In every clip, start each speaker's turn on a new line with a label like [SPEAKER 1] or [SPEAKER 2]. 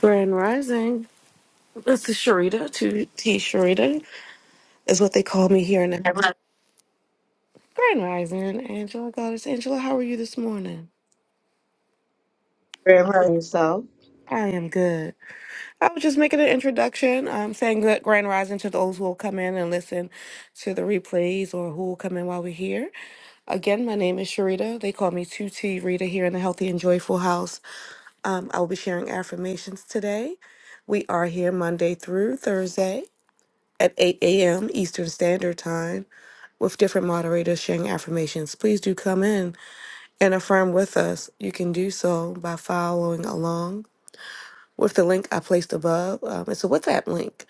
[SPEAKER 1] Grand Rising. This is Sharita, 2T Sharita, is what they call me here in the Grand Rising. Angela Goddess. Angela, how are you this morning?
[SPEAKER 2] Graham hurt himself.
[SPEAKER 1] I am good. I was just making an introduction. I'm saying good Grand Rising to those who will come in and listen to the replays or who will come in while we're here. Again, my name is Sharita. They call me 2T Rita here in the Healthy and Joyful House. Um, I will be sharing affirmations today. We are here Monday through Thursday at 8 a.m. Eastern Standard Time. with different moderators sharing affirmations. Please do come in and affirm with us. You can do so by following along with the link I placed above. Um, it's a WhatsApp link,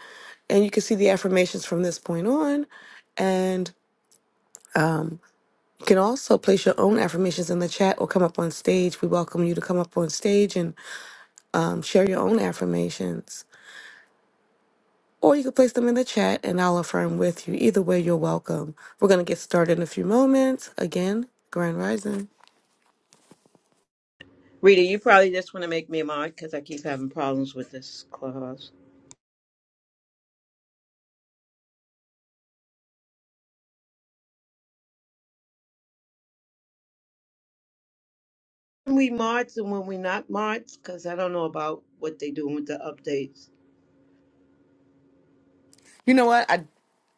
[SPEAKER 1] and you can see the affirmations from this point on. And you can also place your own affirmations in the chat or come up on stage. We welcome you to come up on stage and um, share your own affirmations. Or you can place them in the chat and I'll affirm with you. Either way, you're welcome. We're going to get started in a few moments. Again, Grand Rising.
[SPEAKER 2] Rita, you probably just want to make me a mod because I keep having problems with this clubhouse. When we mods and when we not mods, because I don't know about what they doing with the updates.
[SPEAKER 1] You know what? I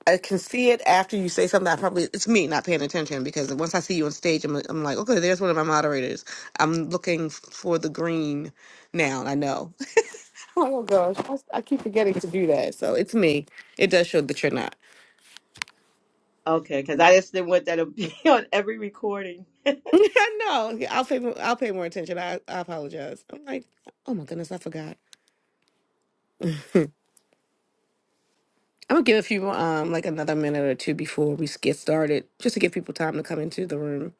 [SPEAKER 1] I can see it after you say something. I probably it's me not paying attention because once I see you on stage, I'm I'm like, okay, there's one of my moderators. I'm looking for the green now. and I know. Oh gosh, I, I keep forgetting to do that. So it's me. It does show that you're not.
[SPEAKER 2] Okay, because I just didn't want that to be on every recording.
[SPEAKER 1] No, Yeah, I'll pay. mo- I'll pay more attention. I, I apologize. I'm like, oh my goodness, I forgot. I'm gonna give a few, um, like another minute or two before we s- get started, just to give people time to come into the room.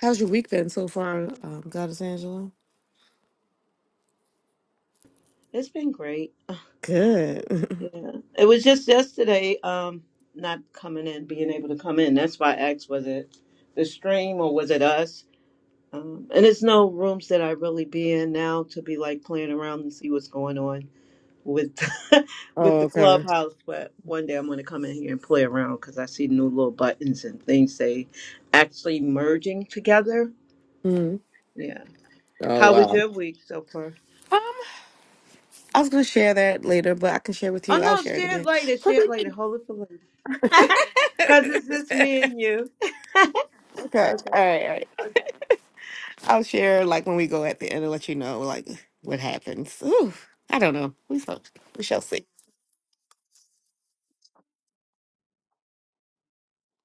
[SPEAKER 1] How's your week been so far, um, Goddess Angela?
[SPEAKER 2] it's been great.
[SPEAKER 1] Good.
[SPEAKER 2] Yeah, it was just yesterday. Um, not coming in, being able to come in. That's why I asked, was it the stream or was it us? Um, and it's no rooms that I really be in now to be like playing around and see what's going on. with with
[SPEAKER 1] Oh,
[SPEAKER 2] the
[SPEAKER 1] okay.
[SPEAKER 2] clubhouse but one day i'm going to come in here and play around because i see new little buttons and things they actually merging together
[SPEAKER 1] Mhm.
[SPEAKER 2] yeah
[SPEAKER 1] Oh,
[SPEAKER 2] how was
[SPEAKER 1] wow.
[SPEAKER 2] your week so far
[SPEAKER 1] Um, I was gonna share that later, but I can share with you.
[SPEAKER 2] oh
[SPEAKER 1] I'll
[SPEAKER 2] no
[SPEAKER 1] share it
[SPEAKER 2] share it
[SPEAKER 1] again.
[SPEAKER 2] later share it later
[SPEAKER 1] Pretty-
[SPEAKER 2] hold it for later because
[SPEAKER 1] okay.
[SPEAKER 2] it's just me and you
[SPEAKER 1] All right. All right. I'll share like when we go at the end and let you know like what happens. Ooh, I don't know. We shall. We shall see.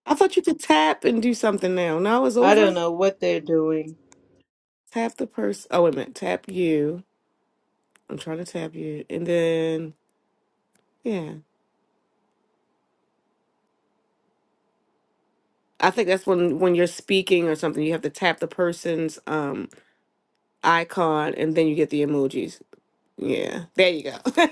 [SPEAKER 1] I thought you could tap and do something now. Now it's
[SPEAKER 2] i don't
[SPEAKER 1] over.
[SPEAKER 2] know what they're doing
[SPEAKER 1] Tap the person. Oh, wait a minute. Tap you. I'm trying to tap you, and then yeah. I think that's when when you're speaking or something, you have to tap the person's um icon and then you get the emojis. Yeah, there you go.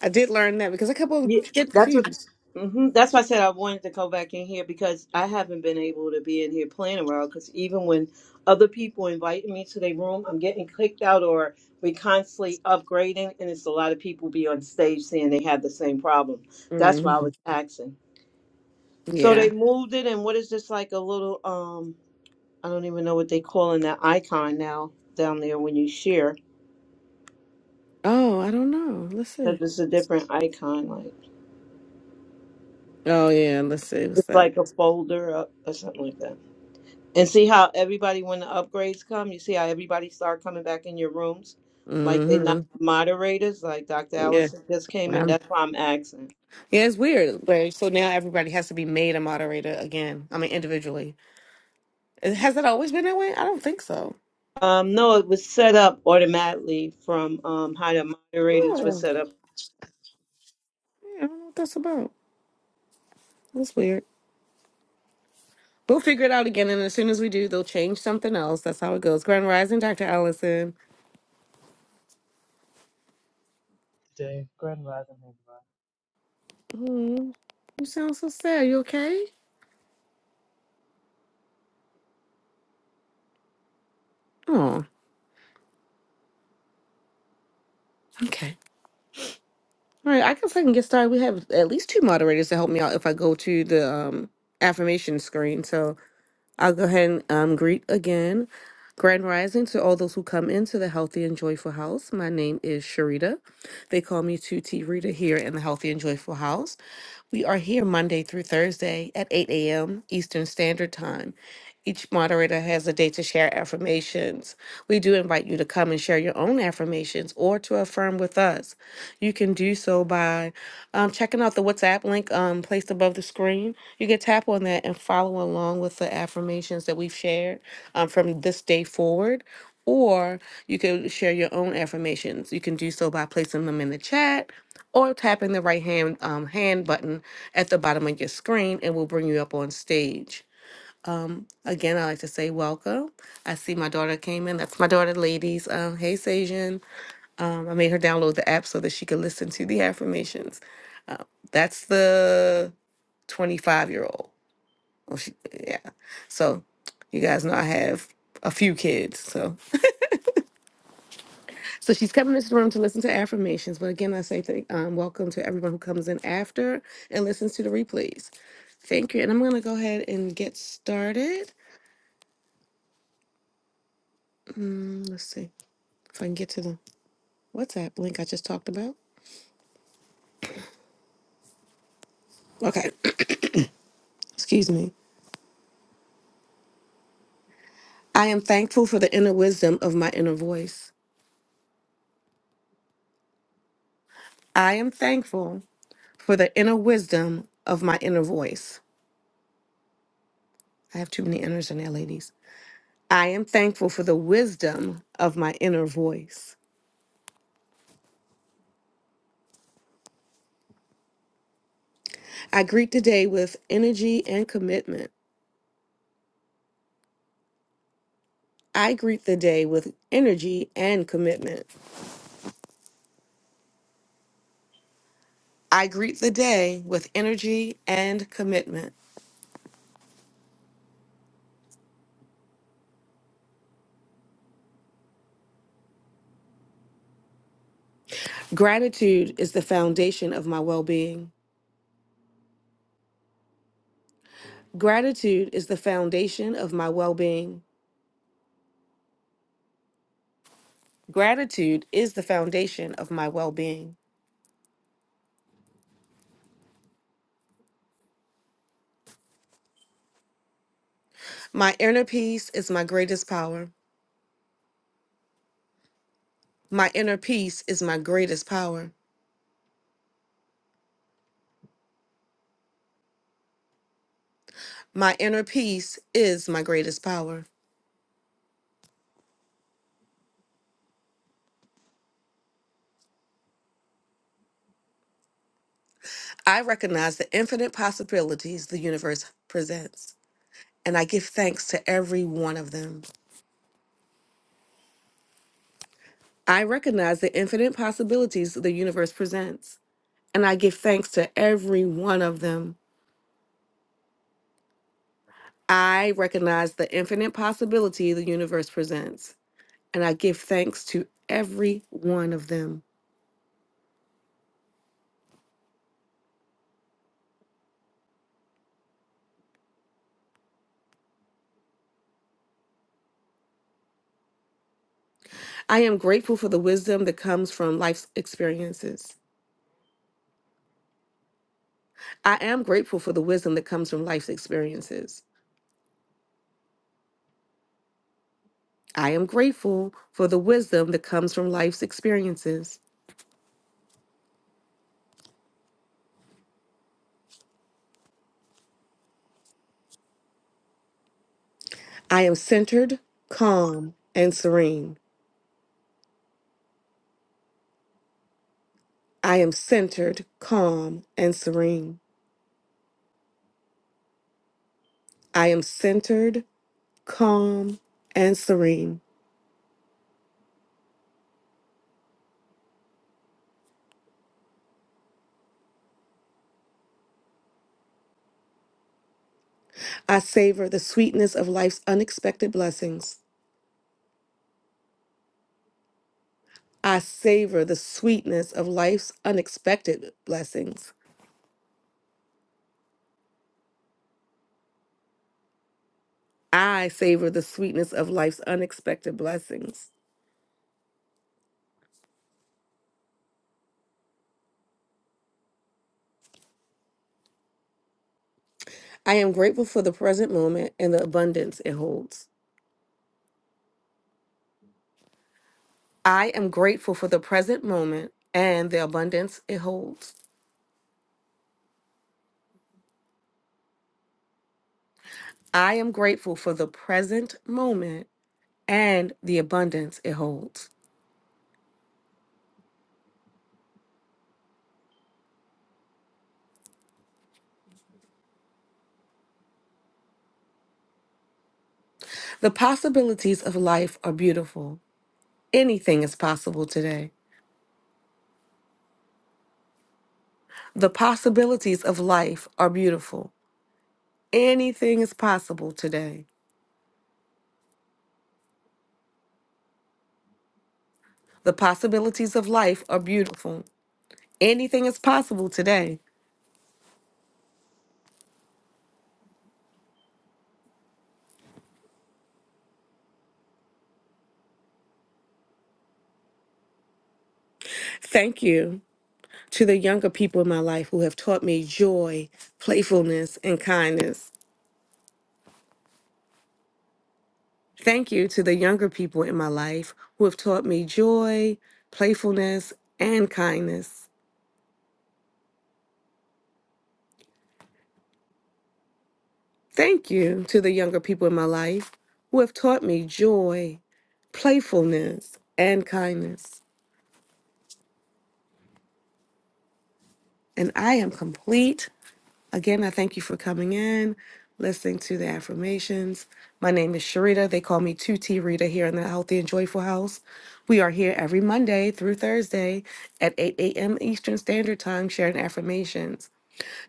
[SPEAKER 1] I did learn that because a couple
[SPEAKER 2] Yeah,
[SPEAKER 1] get
[SPEAKER 2] that's what.
[SPEAKER 1] confused.
[SPEAKER 2] hmm That's why I said I wanted to go back in here because I haven't been able to be in here playing around. Because even when other people invite me to their room, I'm getting kicked out, or we constantly upgrading, and it's a lot of people be on stage saying they have the same problem. That's why I
[SPEAKER 1] Mm,
[SPEAKER 2] was asking. So
[SPEAKER 1] yeah.
[SPEAKER 2] they moved it, and what is this like a little um? I don't even know what they calling that icon now down there when you share
[SPEAKER 1] Oh, I don't know. Let's see.
[SPEAKER 2] because it's a different icon, like
[SPEAKER 1] Oh yeah, let's see. What's
[SPEAKER 2] it's
[SPEAKER 1] that?
[SPEAKER 2] like a folder or, or something like that. And see how everybody, when the upgrades come, you see how everybody start coming back in your rooms? Like they're
[SPEAKER 1] hmm
[SPEAKER 2] not moderators, like Dr.
[SPEAKER 1] Yeah.
[SPEAKER 2] Allison just came in.
[SPEAKER 1] I'm,
[SPEAKER 2] That's why I'm asking.
[SPEAKER 1] yeah, it's weird. But so now everybody has to be made a moderator again. I mean, individually. Uh, Has it always been that way? I don't think so.
[SPEAKER 2] Um, no, it was set up automatically from um, how the
[SPEAKER 1] Yeah. Yeah,
[SPEAKER 2] moderators were set
[SPEAKER 1] I
[SPEAKER 2] up.
[SPEAKER 1] don't know what that's about. That's weird. We'll figure it out again, and as soon as we do, they'll change something else. That's how it goes. Grand Rising, Dr. Allison.
[SPEAKER 3] day. Grand rising, everybody.
[SPEAKER 1] Oh, you sound so sad. You okay? Oh, okay. All right. I guess I can get started. We have at least two moderators to help me out if I go to the um, affirmation screen. So I'll go ahead and um, greet again. Grand rising to all those who come into the Healthy and Joyful House. My name is Sharita. They call me 2T Rita here in the Healthy and Joyful House. We are here Monday through Thursday at 8 a.m. Eastern Standard Time. Each moderator has a day to share affirmations. We do invite you to come and share your own affirmations or to affirm with us. You can do so by um, checking out the WhatsApp link um, placed above the screen. You can tap on that and follow along with the affirmations that we've shared um, from this day forward. Or you can share your own affirmations. You can do so by placing them in the chat or tapping the right hand um, hand button at the bottom of your screen, and we'll bring you up on stage. Again, i like to say welcome. I see my daughter came in. That's my daughter, ladies. Um, hey, Sajan. Um, I made her download the app so that she could listen to the affirmations. That's the 25 year old. Oh, she, yeah. So you guys know I have a few kids. So so she's coming into the room to listen to affirmations. But again, I say thank, um, welcome to everyone who comes in after and listens to the replays. Thank you. And I'm going to go ahead and get started. Let's see if I can get to the WhatsApp link I just talked about. Okay, excuse me. I am thankful for the inner wisdom of my inner voice. I am thankful for the inner wisdom of my inner voice. I have too many inners in there, ladies. I am thankful for the wisdom of my inner voice. I greet the day with energy and commitment. I greet the day with energy and commitment. I greet the day with energy and commitment. Gratitude is the foundation of my well being. Gratitude is the foundation of my well being. Gratitude is the foundation of my well being. My inner peace is my greatest power. My inner peace is my greatest power. My inner peace is my greatest power. I recognize the infinite possibilities the universe presents, and I give thanks to every one of them. I recognize the infinite possibilities the universe presents, and I give thanks to every one of them. I recognize the infinite possibility the universe presents, and I give thanks to every one of them. I am grateful for the wisdom that comes from life's experiences. I am grateful for the wisdom that comes from life's experiences. I am grateful for the wisdom that comes from life's experiences. I am centered, calm, and serene. I am centered, calm, and serene. I am centered, calm, and serene. I savor the sweetness of life's unexpected blessings. I savor the sweetness of life's unexpected blessings. I savor the sweetness of life's unexpected blessings. I am grateful for the present moment and the abundance it holds. I am grateful for the present moment and the abundance it holds. I am grateful for the present moment and the abundance it holds. The possibilities of life are beautiful. Anything is possible today. The possibilities of life are beautiful. Anything is possible today. The possibilities of life are beautiful. Anything is possible today. Thank you to the younger people in my life who have taught me joy, playfulness, and kindness. Thank you to the younger people in my life who have taught me joy, playfulness, and kindness. Thank you to the younger people in my life who have taught me joy, playfulness, and kindness. And I am complete. Again, I thank you for coming in, listening to the affirmations. My name is Sharita. They call me 2T Rita here in the Healthy and Joyful House. We are here every Monday through Thursday at 8 a.m. Eastern Standard Time sharing affirmations.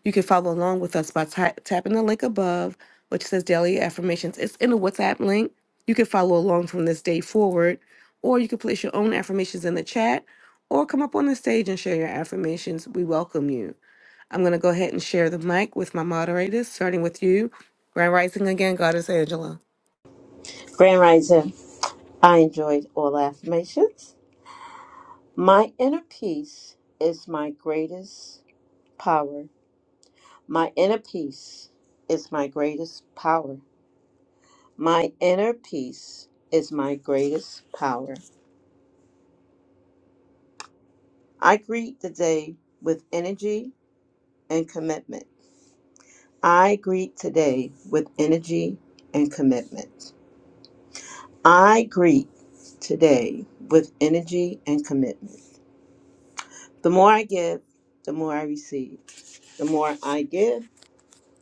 [SPEAKER 1] You can follow along with us by ta- tapping the link above, which says Daily Affirmations. It's in the WhatsApp link. You can follow along from this day forward, or you can place your own affirmations in the chat or come up on the stage and share your affirmations. We welcome you. I'm going to go ahead and share the mic with my moderators, starting with you. Grand Rising again, Goddess Angela.
[SPEAKER 2] Grand Rising, I enjoyed all affirmations. My inner peace is my greatest power. My inner peace is my greatest power. My inner peace is my greatest power. I greet the day with energy and commitment. I greet today with energy and commitment. I greet today with energy and commitment. The more I give, the more I receive. The more I give,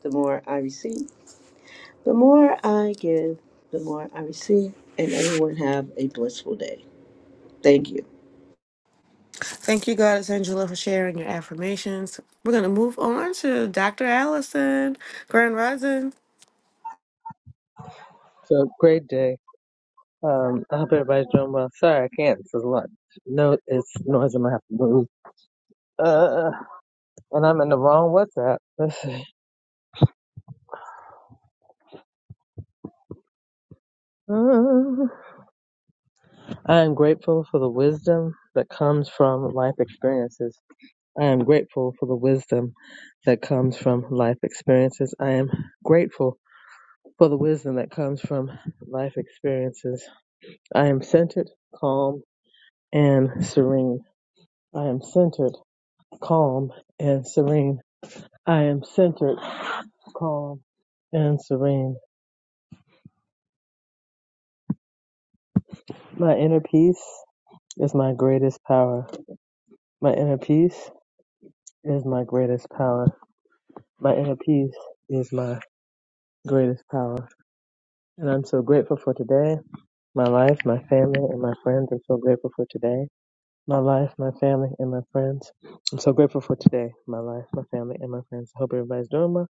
[SPEAKER 2] the more I receive. The more I give, the more I receive. And everyone have a blissful day. Thank you.
[SPEAKER 1] Thank you, Goddess Angela, for sharing your affirmations. We're going to move on to Dr. Allison. Grand Rising.
[SPEAKER 3] So great day. Um, I hope everybody's doing well. Sorry, I can't. It's a lot. No, it's noise. I'm gonna have to move. Uh, and I'm in the wrong WhatsApp. Let's see. Uh, I am grateful for the wisdom that comes from life experiences. I am grateful for the wisdom that comes from life experiences. I am grateful for the wisdom that comes from life experiences. I am centered, calm, and serene. I am centered calm and serene. I am centered, calm, and serene. My inner peace is my greatest power. My inner peace is my greatest power. My inner peace is my greatest power. And I'm so grateful for today, my life, my family, and my friends. I'm so grateful for today, my life, my family, and my friends. I'm so grateful for today, my life, my family, and my friends. I hope everybody's doing well.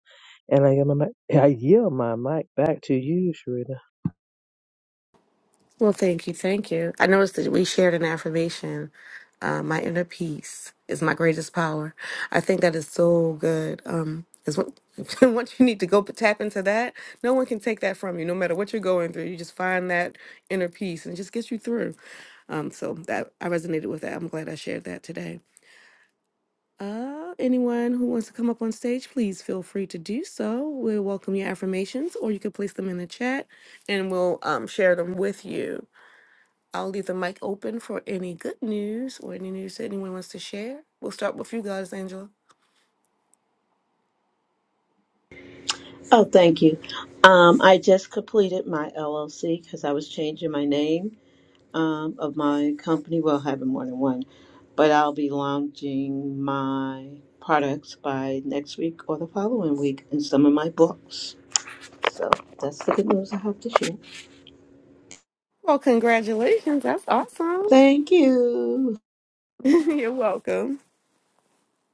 [SPEAKER 3] And I yield my, I yield my mic back to you, Sharita.
[SPEAKER 1] Well, thank you. Thank you. I noticed that we shared an affirmation. Uh, my inner peace is my greatest power. I think that is so good. Um, is what once you need to go tap into that, no one can take that from you. No matter what you're going through, you just find that inner peace and it just gets you through. Um, so that I resonated with that. I'm glad I shared that today. Uh, anyone who wants to come up on stage, please feel free to do so. We'll welcome your affirmations, or you can place them in the chat, and we'll um, share them with you. I'll leave the mic open for any good news or any news that anyone wants to share. We'll start with you guys, Angela.
[SPEAKER 2] Oh, thank you. Um, I just completed my LLC because I was changing my name um, of my company. Well, having more than one, but I'll be launching my products by next week or the following week in some of my books. So that's the good news I have to share.
[SPEAKER 1] Well, congratulations. That's awesome.
[SPEAKER 2] Thank you.
[SPEAKER 1] You're welcome.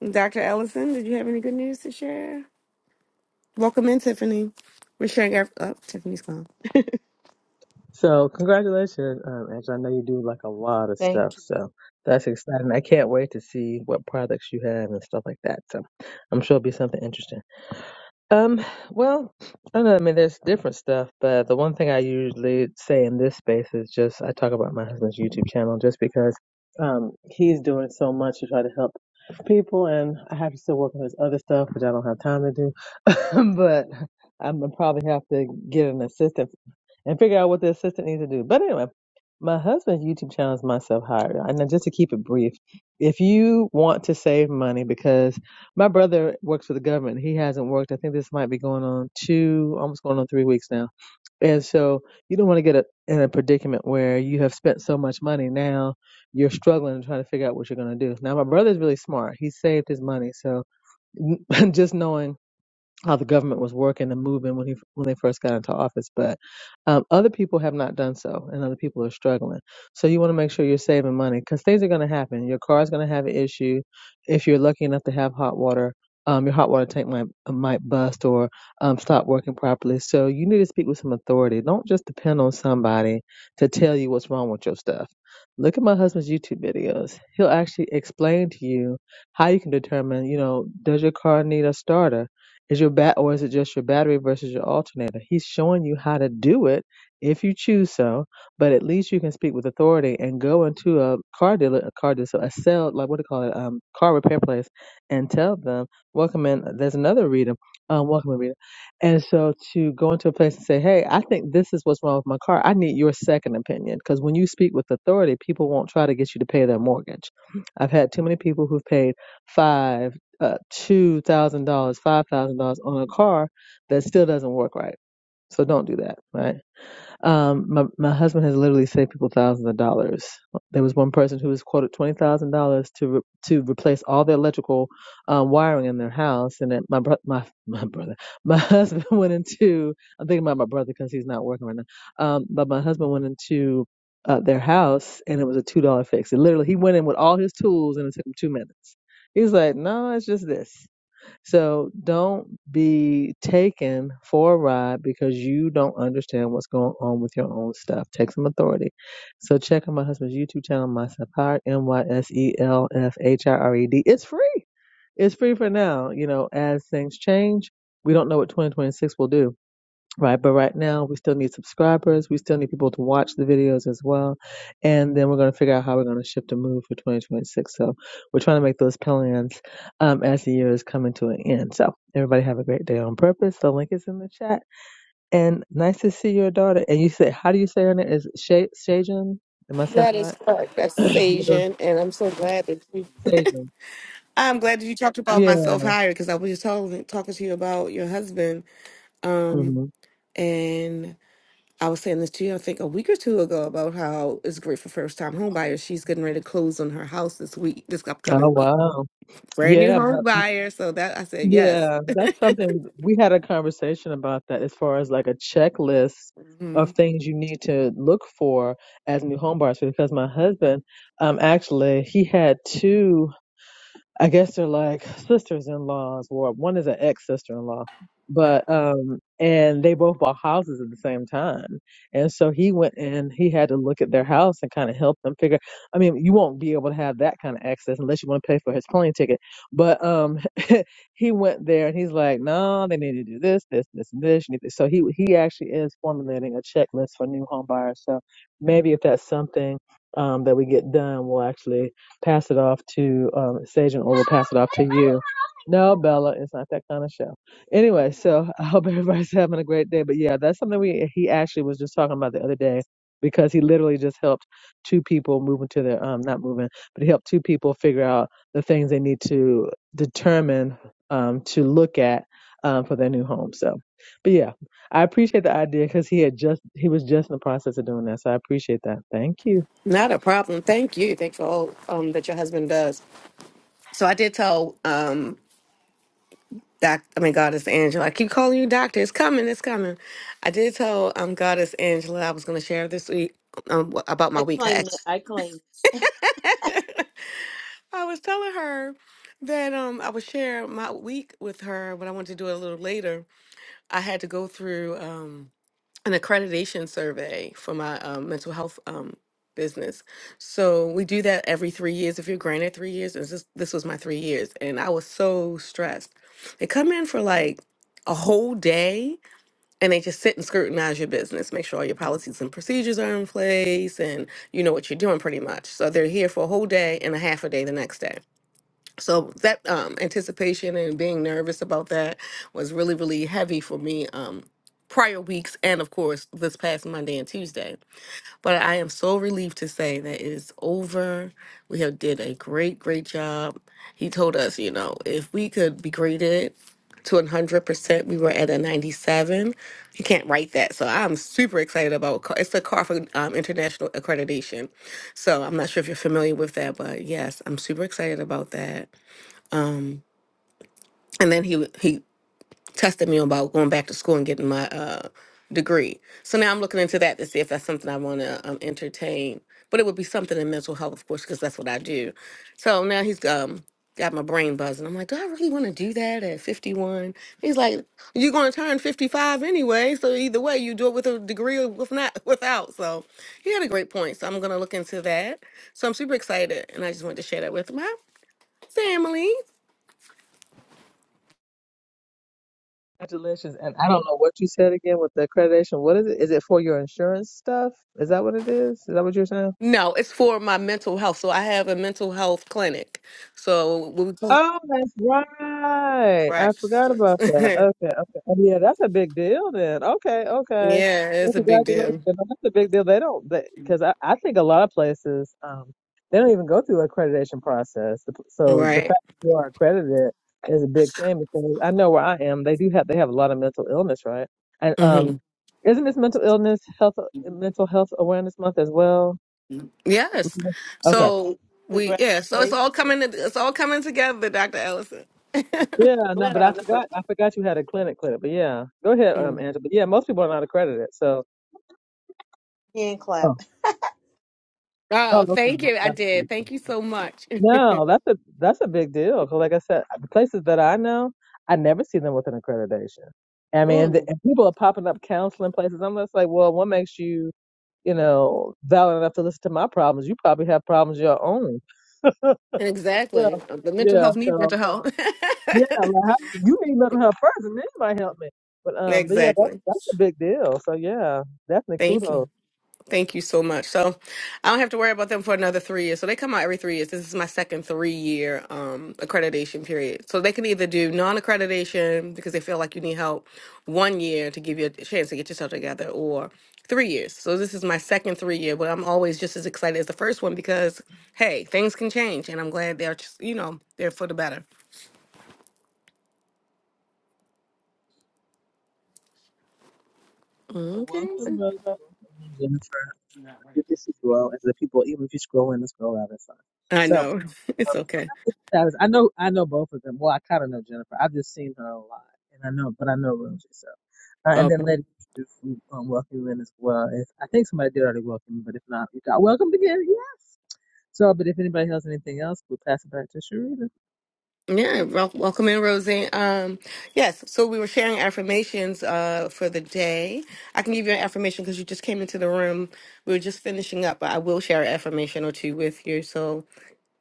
[SPEAKER 1] Dr. Ellison, did you have any good news to share? Welcome in, Tiffany. We're sharing our. Oh, Tiffany's gone.
[SPEAKER 3] So congratulations, um, Angela. I know you do like a lot of stuff,
[SPEAKER 2] Thank you.
[SPEAKER 3] so that's exciting. I can't wait to see what products you have and stuff like that. So I'm sure it'll be something interesting. Um, well, I don't know. I mean, there's different stuff, but the one thing I usually say in this space is just I talk about my husband's YouTube channel just because um he's doing so much to try to help people, and I have to still work on his other stuff, which I don't have time to do, but. I'm gonna probably have to get an assistant and figure out what the assistant needs to do. But anyway, my husband's YouTube channel is Myself Hired. And then just to keep it brief, if you want to save money, because my brother works for the government, he hasn't worked. I think this might be going on two, almost going on three weeks now. And so you don't want to get a, in a predicament where you have spent so much money. Now you're struggling to try to figure out what you're going to do. Now, my brother's really smart. He saved his money. So just knowing how the government was working and moving when he when they first got into office, but um, other people have not done so, and other people are struggling. So you want to make sure you're saving money because things are going to happen. Your car is going to have an issue. If you're lucky enough to have hot water, um, your hot water tank might might bust or um, stop working properly. So you need to speak with some authority. Don't just depend on somebody to tell you what's wrong with your stuff. Look at my husband's YouTube videos. He'll actually explain to you how you can determine, you know, does your car need a starter? Is your bat or is it just your battery versus your alternator? He's showing you how to do it if you choose so, but at least you can speak with authority and go into a car dealer, a car dealer, so a sale, like what do you call it, um, car repair place, and tell them, welcome in. There's another reader, um, welcome in reader, and so to go into a place and say, hey, I think this is what's wrong with my car. I need your second opinion because when you speak with authority, people won't try to get you to pay their mortgage. I've had too many people who've paid five uh, two thousand dollars, five thousand dollars on a car that still doesn't work right. So don't do that, right? Um, my my husband has literally saved people thousands of dollars. There was one person who was quoted twenty thousand dollars to re- to replace all the electrical um, wiring in their house, and then my bro- my my brother, my husband went into I'm thinking about my brother because he's not working right now. Um, but my husband went into uh, their house, and it was a two dollar fix. It literally he went in with all his tools, and it took him two minutes. He's like, no, it's just this. So don't be taken for a ride because you don't understand what's going on with your own stuff. Take some authority. So check out my husband's YouTube channel, My Sapphire, M-Y-S-E-L-F-H-I-R-E-D. It's free. It's free for now. You know, as things change, we don't know what 2026 will do Right, but right now we still need subscribers. We still need people to watch the videos as well, and then we're going to figure out how we're going to shift and move for 2026. So we're trying to make those plans um, as the year is coming to an end. So everybody have a great day on purpose. The link is in the chat, and nice to see your daughter. And you said, how do you say her name? Is it Shay Shajan? Am I saying
[SPEAKER 1] That
[SPEAKER 3] that
[SPEAKER 1] is
[SPEAKER 3] right?
[SPEAKER 1] correct. That's
[SPEAKER 3] Your daughter,
[SPEAKER 1] Sajan, and I'm so glad that you.
[SPEAKER 3] Shajan.
[SPEAKER 1] I'm glad that you talked about
[SPEAKER 3] Yeah.
[SPEAKER 1] myself higher because I was just talking talking to you about your husband. Um,
[SPEAKER 3] hmm
[SPEAKER 1] I was saying this to you, I think a week or two ago, about how it's great for first time home buyers. She's getting ready to close on her house this week, this
[SPEAKER 3] Oh
[SPEAKER 1] upcoming week.
[SPEAKER 3] wow.
[SPEAKER 1] Brand new
[SPEAKER 3] Yeah. My,
[SPEAKER 1] home buyer. So that I said, yes.
[SPEAKER 3] Yeah, that's something we had a conversation about that as far as like a checklist of
[SPEAKER 1] Mhm.
[SPEAKER 3] things you need to look for as new home buyers because my husband um actually he had two I guess they're like sisters-in-laws or one is an ex-sister-in-law but um and they both bought houses at the same time and so he went and he had to look at their house and kind of help them figure I mean you won't be able to have that kind of access unless you want to pay for his plane ticket but um he went there and he's like, no, they need to do this, this, this, and this. You need this." So he he actually is formulating a checklist for new home buyers. So maybe if that's something um, that we get done, we'll actually pass it off to um, Sajan or we'll pass it off to you. No, Bella, it's not that kind of show. Anyway, so I hope everybody's having a great day. But yeah, that's something we he actually was just talking about the other day because he literally just helped two people move into their um not moving, but he helped two people figure out the things they need to determine um, to look at um, for their new home. So, but yeah, I appreciate the idea because he had just he was just in the process of doing that. So I appreciate that. Thank you.
[SPEAKER 1] Not a problem. Thank you. Thanks for all um, that your husband does. So I did tell um, Doc, I mean, Goddess Angela, I keep calling you doctor. It's coming. It's coming. I did tell um, Goddess Angela I was going to share this week um, wh- about my
[SPEAKER 2] I
[SPEAKER 1] week. I,
[SPEAKER 2] claim
[SPEAKER 1] asked-
[SPEAKER 2] it. I claim it.
[SPEAKER 1] I was telling her that um, I would share my week with her, but I wanted to do it a little later I had to go through um, an accreditation survey for my um, mental health um, business. So we do that every three years. If you're granted three years, and this, is- this was my three years, and I was so stressed. They come in for like a whole day and they just sit and scrutinize your business, make sure all your policies and procedures are in place and you know what you're doing pretty much. So they're here for a whole day and a half a day the next day so that um, anticipation and being nervous about that was really really heavy for me um, prior weeks and of course this past monday and tuesday but i am so relieved to say that it is over we have did a great great job he told us you know if we could be graded to 100% we were at a 97 you can't write that so i'm super excited about Ca- it's the carfa um, international accreditation so i'm not sure if you're familiar with that but yes i'm super excited about that and then he he tested me about going back to school and getting my uh degree. So now I'm looking into that to see if that's something I want to um, entertain. But it would be something in mental health, of course, because that's what I do. So now he's um got my brain buzzing. I'm like, do I really want to do that at 51? He's like, you're going to turn 55 anyway. So either way, you do it with a degree or with not without. So he had a great point. So I'm gonna look into that. So I'm super excited, and I just wanted to share that with my family.
[SPEAKER 3] Congratulations. And I don't know what you said again with the accreditation. What is it? Is it for your insurance stuff? Is that what it is? Is that what you're saying?
[SPEAKER 1] No, it's for my mental health. So I have a mental health clinic. So we go-
[SPEAKER 3] Oh, that's right. I
[SPEAKER 1] right.
[SPEAKER 3] forgot about that. Okay, okay. Oh, yeah, that's a big deal then. Okay, okay.
[SPEAKER 1] yeah,
[SPEAKER 3] Well,
[SPEAKER 1] it's a big deal.
[SPEAKER 3] congratulations. No, That's a big deal. They don't, because I, I think a lot of places, um, they don't even go through accreditation process. The- p- So the
[SPEAKER 1] Right.
[SPEAKER 3] fact that you are accredited is a big thing because I know where I am. They do have, they have a lot of mental illness, right? And um,
[SPEAKER 1] hmm
[SPEAKER 3] isn't this mental illness health, mental health awareness month as well?
[SPEAKER 1] Yes.
[SPEAKER 3] Mhm.
[SPEAKER 2] Yes.
[SPEAKER 1] So we yeah. So it's
[SPEAKER 2] Congratulations.
[SPEAKER 1] all coming. It's all coming together, Doctor Ellison.
[SPEAKER 3] Yeah, no, but I forgot. I forgot you had a clinic, clinic. But yeah, go ahead, um,
[SPEAKER 1] Mm.
[SPEAKER 3] Angela. But yeah, most people are not accredited. So,
[SPEAKER 2] Hand clap.
[SPEAKER 3] oh, oh,
[SPEAKER 1] Oh, thank
[SPEAKER 3] okay,
[SPEAKER 1] you. I
[SPEAKER 3] that's good.
[SPEAKER 1] did. Thank you so much.
[SPEAKER 3] No, that's a that's a big deal. 'cause like I said, the places that I know, I never see them with an accreditation. I mean, the,
[SPEAKER 1] Mm.
[SPEAKER 3] and people are popping up counseling places. I'm just like, well, what makes you, you know, valid enough to listen to my problems? You probably have problems of your own. Yeah,
[SPEAKER 1] Exactly. The mental
[SPEAKER 3] yeah.
[SPEAKER 1] health needs
[SPEAKER 3] so.
[SPEAKER 1] mental health.
[SPEAKER 3] Yeah, like how, you you need little help first, and then you might help me. But um, but yeah, that's
[SPEAKER 1] exactly.
[SPEAKER 3] that's a big deal. So yeah, definitely
[SPEAKER 1] Thank you.
[SPEAKER 3] kudos.
[SPEAKER 1] Thank you so much. So I don't have to worry about them for another three years. So they come out every three years. This is my second three year um, accreditation period. So they can either do non accreditation because they feel like you need help one year to give you a chance to get yourself together or three years. So this is my second three year, but I'm always just as excited as the first one because, hey, things can change. And I'm glad they're, just, you know, they're for the better.
[SPEAKER 3] So
[SPEAKER 1] Okay.
[SPEAKER 3] welcome, Rose. Welcome, Jennifer. Good to see you all, and the people. Even if you scroll in and scroll out, it's fine.
[SPEAKER 1] I
[SPEAKER 3] So um,
[SPEAKER 1] know.
[SPEAKER 3] yeah,
[SPEAKER 1] It's okay.
[SPEAKER 3] I that is- I know I know both of them. Well, I kind of know Jennifer. I've just seen her a lot, and I know, but I know Rosie. So uh, and
[SPEAKER 1] Okay.
[SPEAKER 3] then Lady Truth, we um, welcome you in as well. If, I think somebody did already welcome you, but if not, you got welcomed again. Yes. So, but if anybody has anything else, we'll pass it back to Sharita.
[SPEAKER 1] Yeah, wel- welcome in, Rosie. Um, yes, so we were sharing affirmations uh, for the day. I can give you an affirmation because you just came into the room. We were just finishing up, but I will share an affirmation or two with you so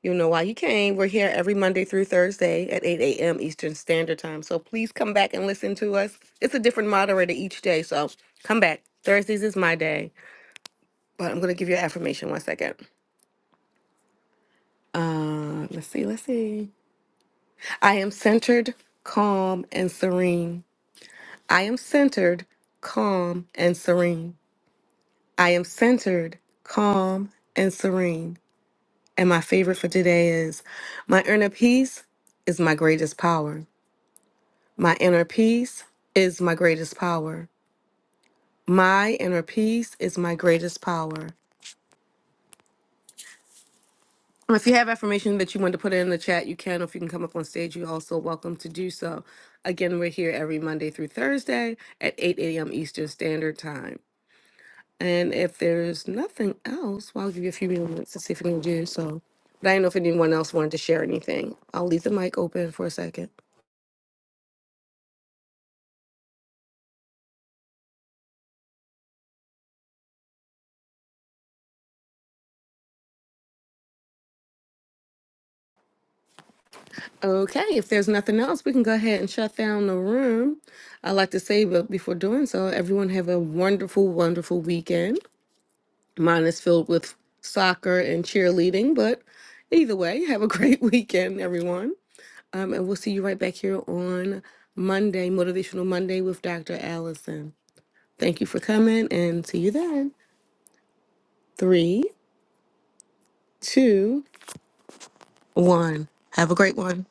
[SPEAKER 1] you know why you came. We're here every Monday through Thursday at 8 a.m. Eastern Standard Time. So please come back and listen to us. It's a different moderator each day, so come back. Thursdays is my day, but I'm going to give you an affirmation one second. Uh, let's see, let's see. I am centered, calm, and serene. I am centered, calm, and serene. I am centered, calm, and serene. And my favorite for today is my inner peace is my greatest power. My inner peace is my greatest power. My inner peace is my greatest power. And If you have affirmation that you want to put in the chat, you can. If you can come up on stage, you're also welcome to do so. Again, we're here every Monday through Thursday at 8 a.m. Eastern Standard Time. And if there's nothing else, well, I'll give you a few minutes to see if we can do so. But I don't know if anyone else wanted to share anything. I'll leave the mic open for a second. Okay, if there's nothing else, we can go ahead and shut down the room. I'd like to say, but before doing so, everyone have a wonderful, wonderful weekend. Mine is filled with soccer and cheerleading, but either way, have a great weekend, everyone. Um, and we'll see you right back here on Monday, Motivational Monday with Dr. Allison. Thank you for coming and see you then. Three, two, one. Have a great one.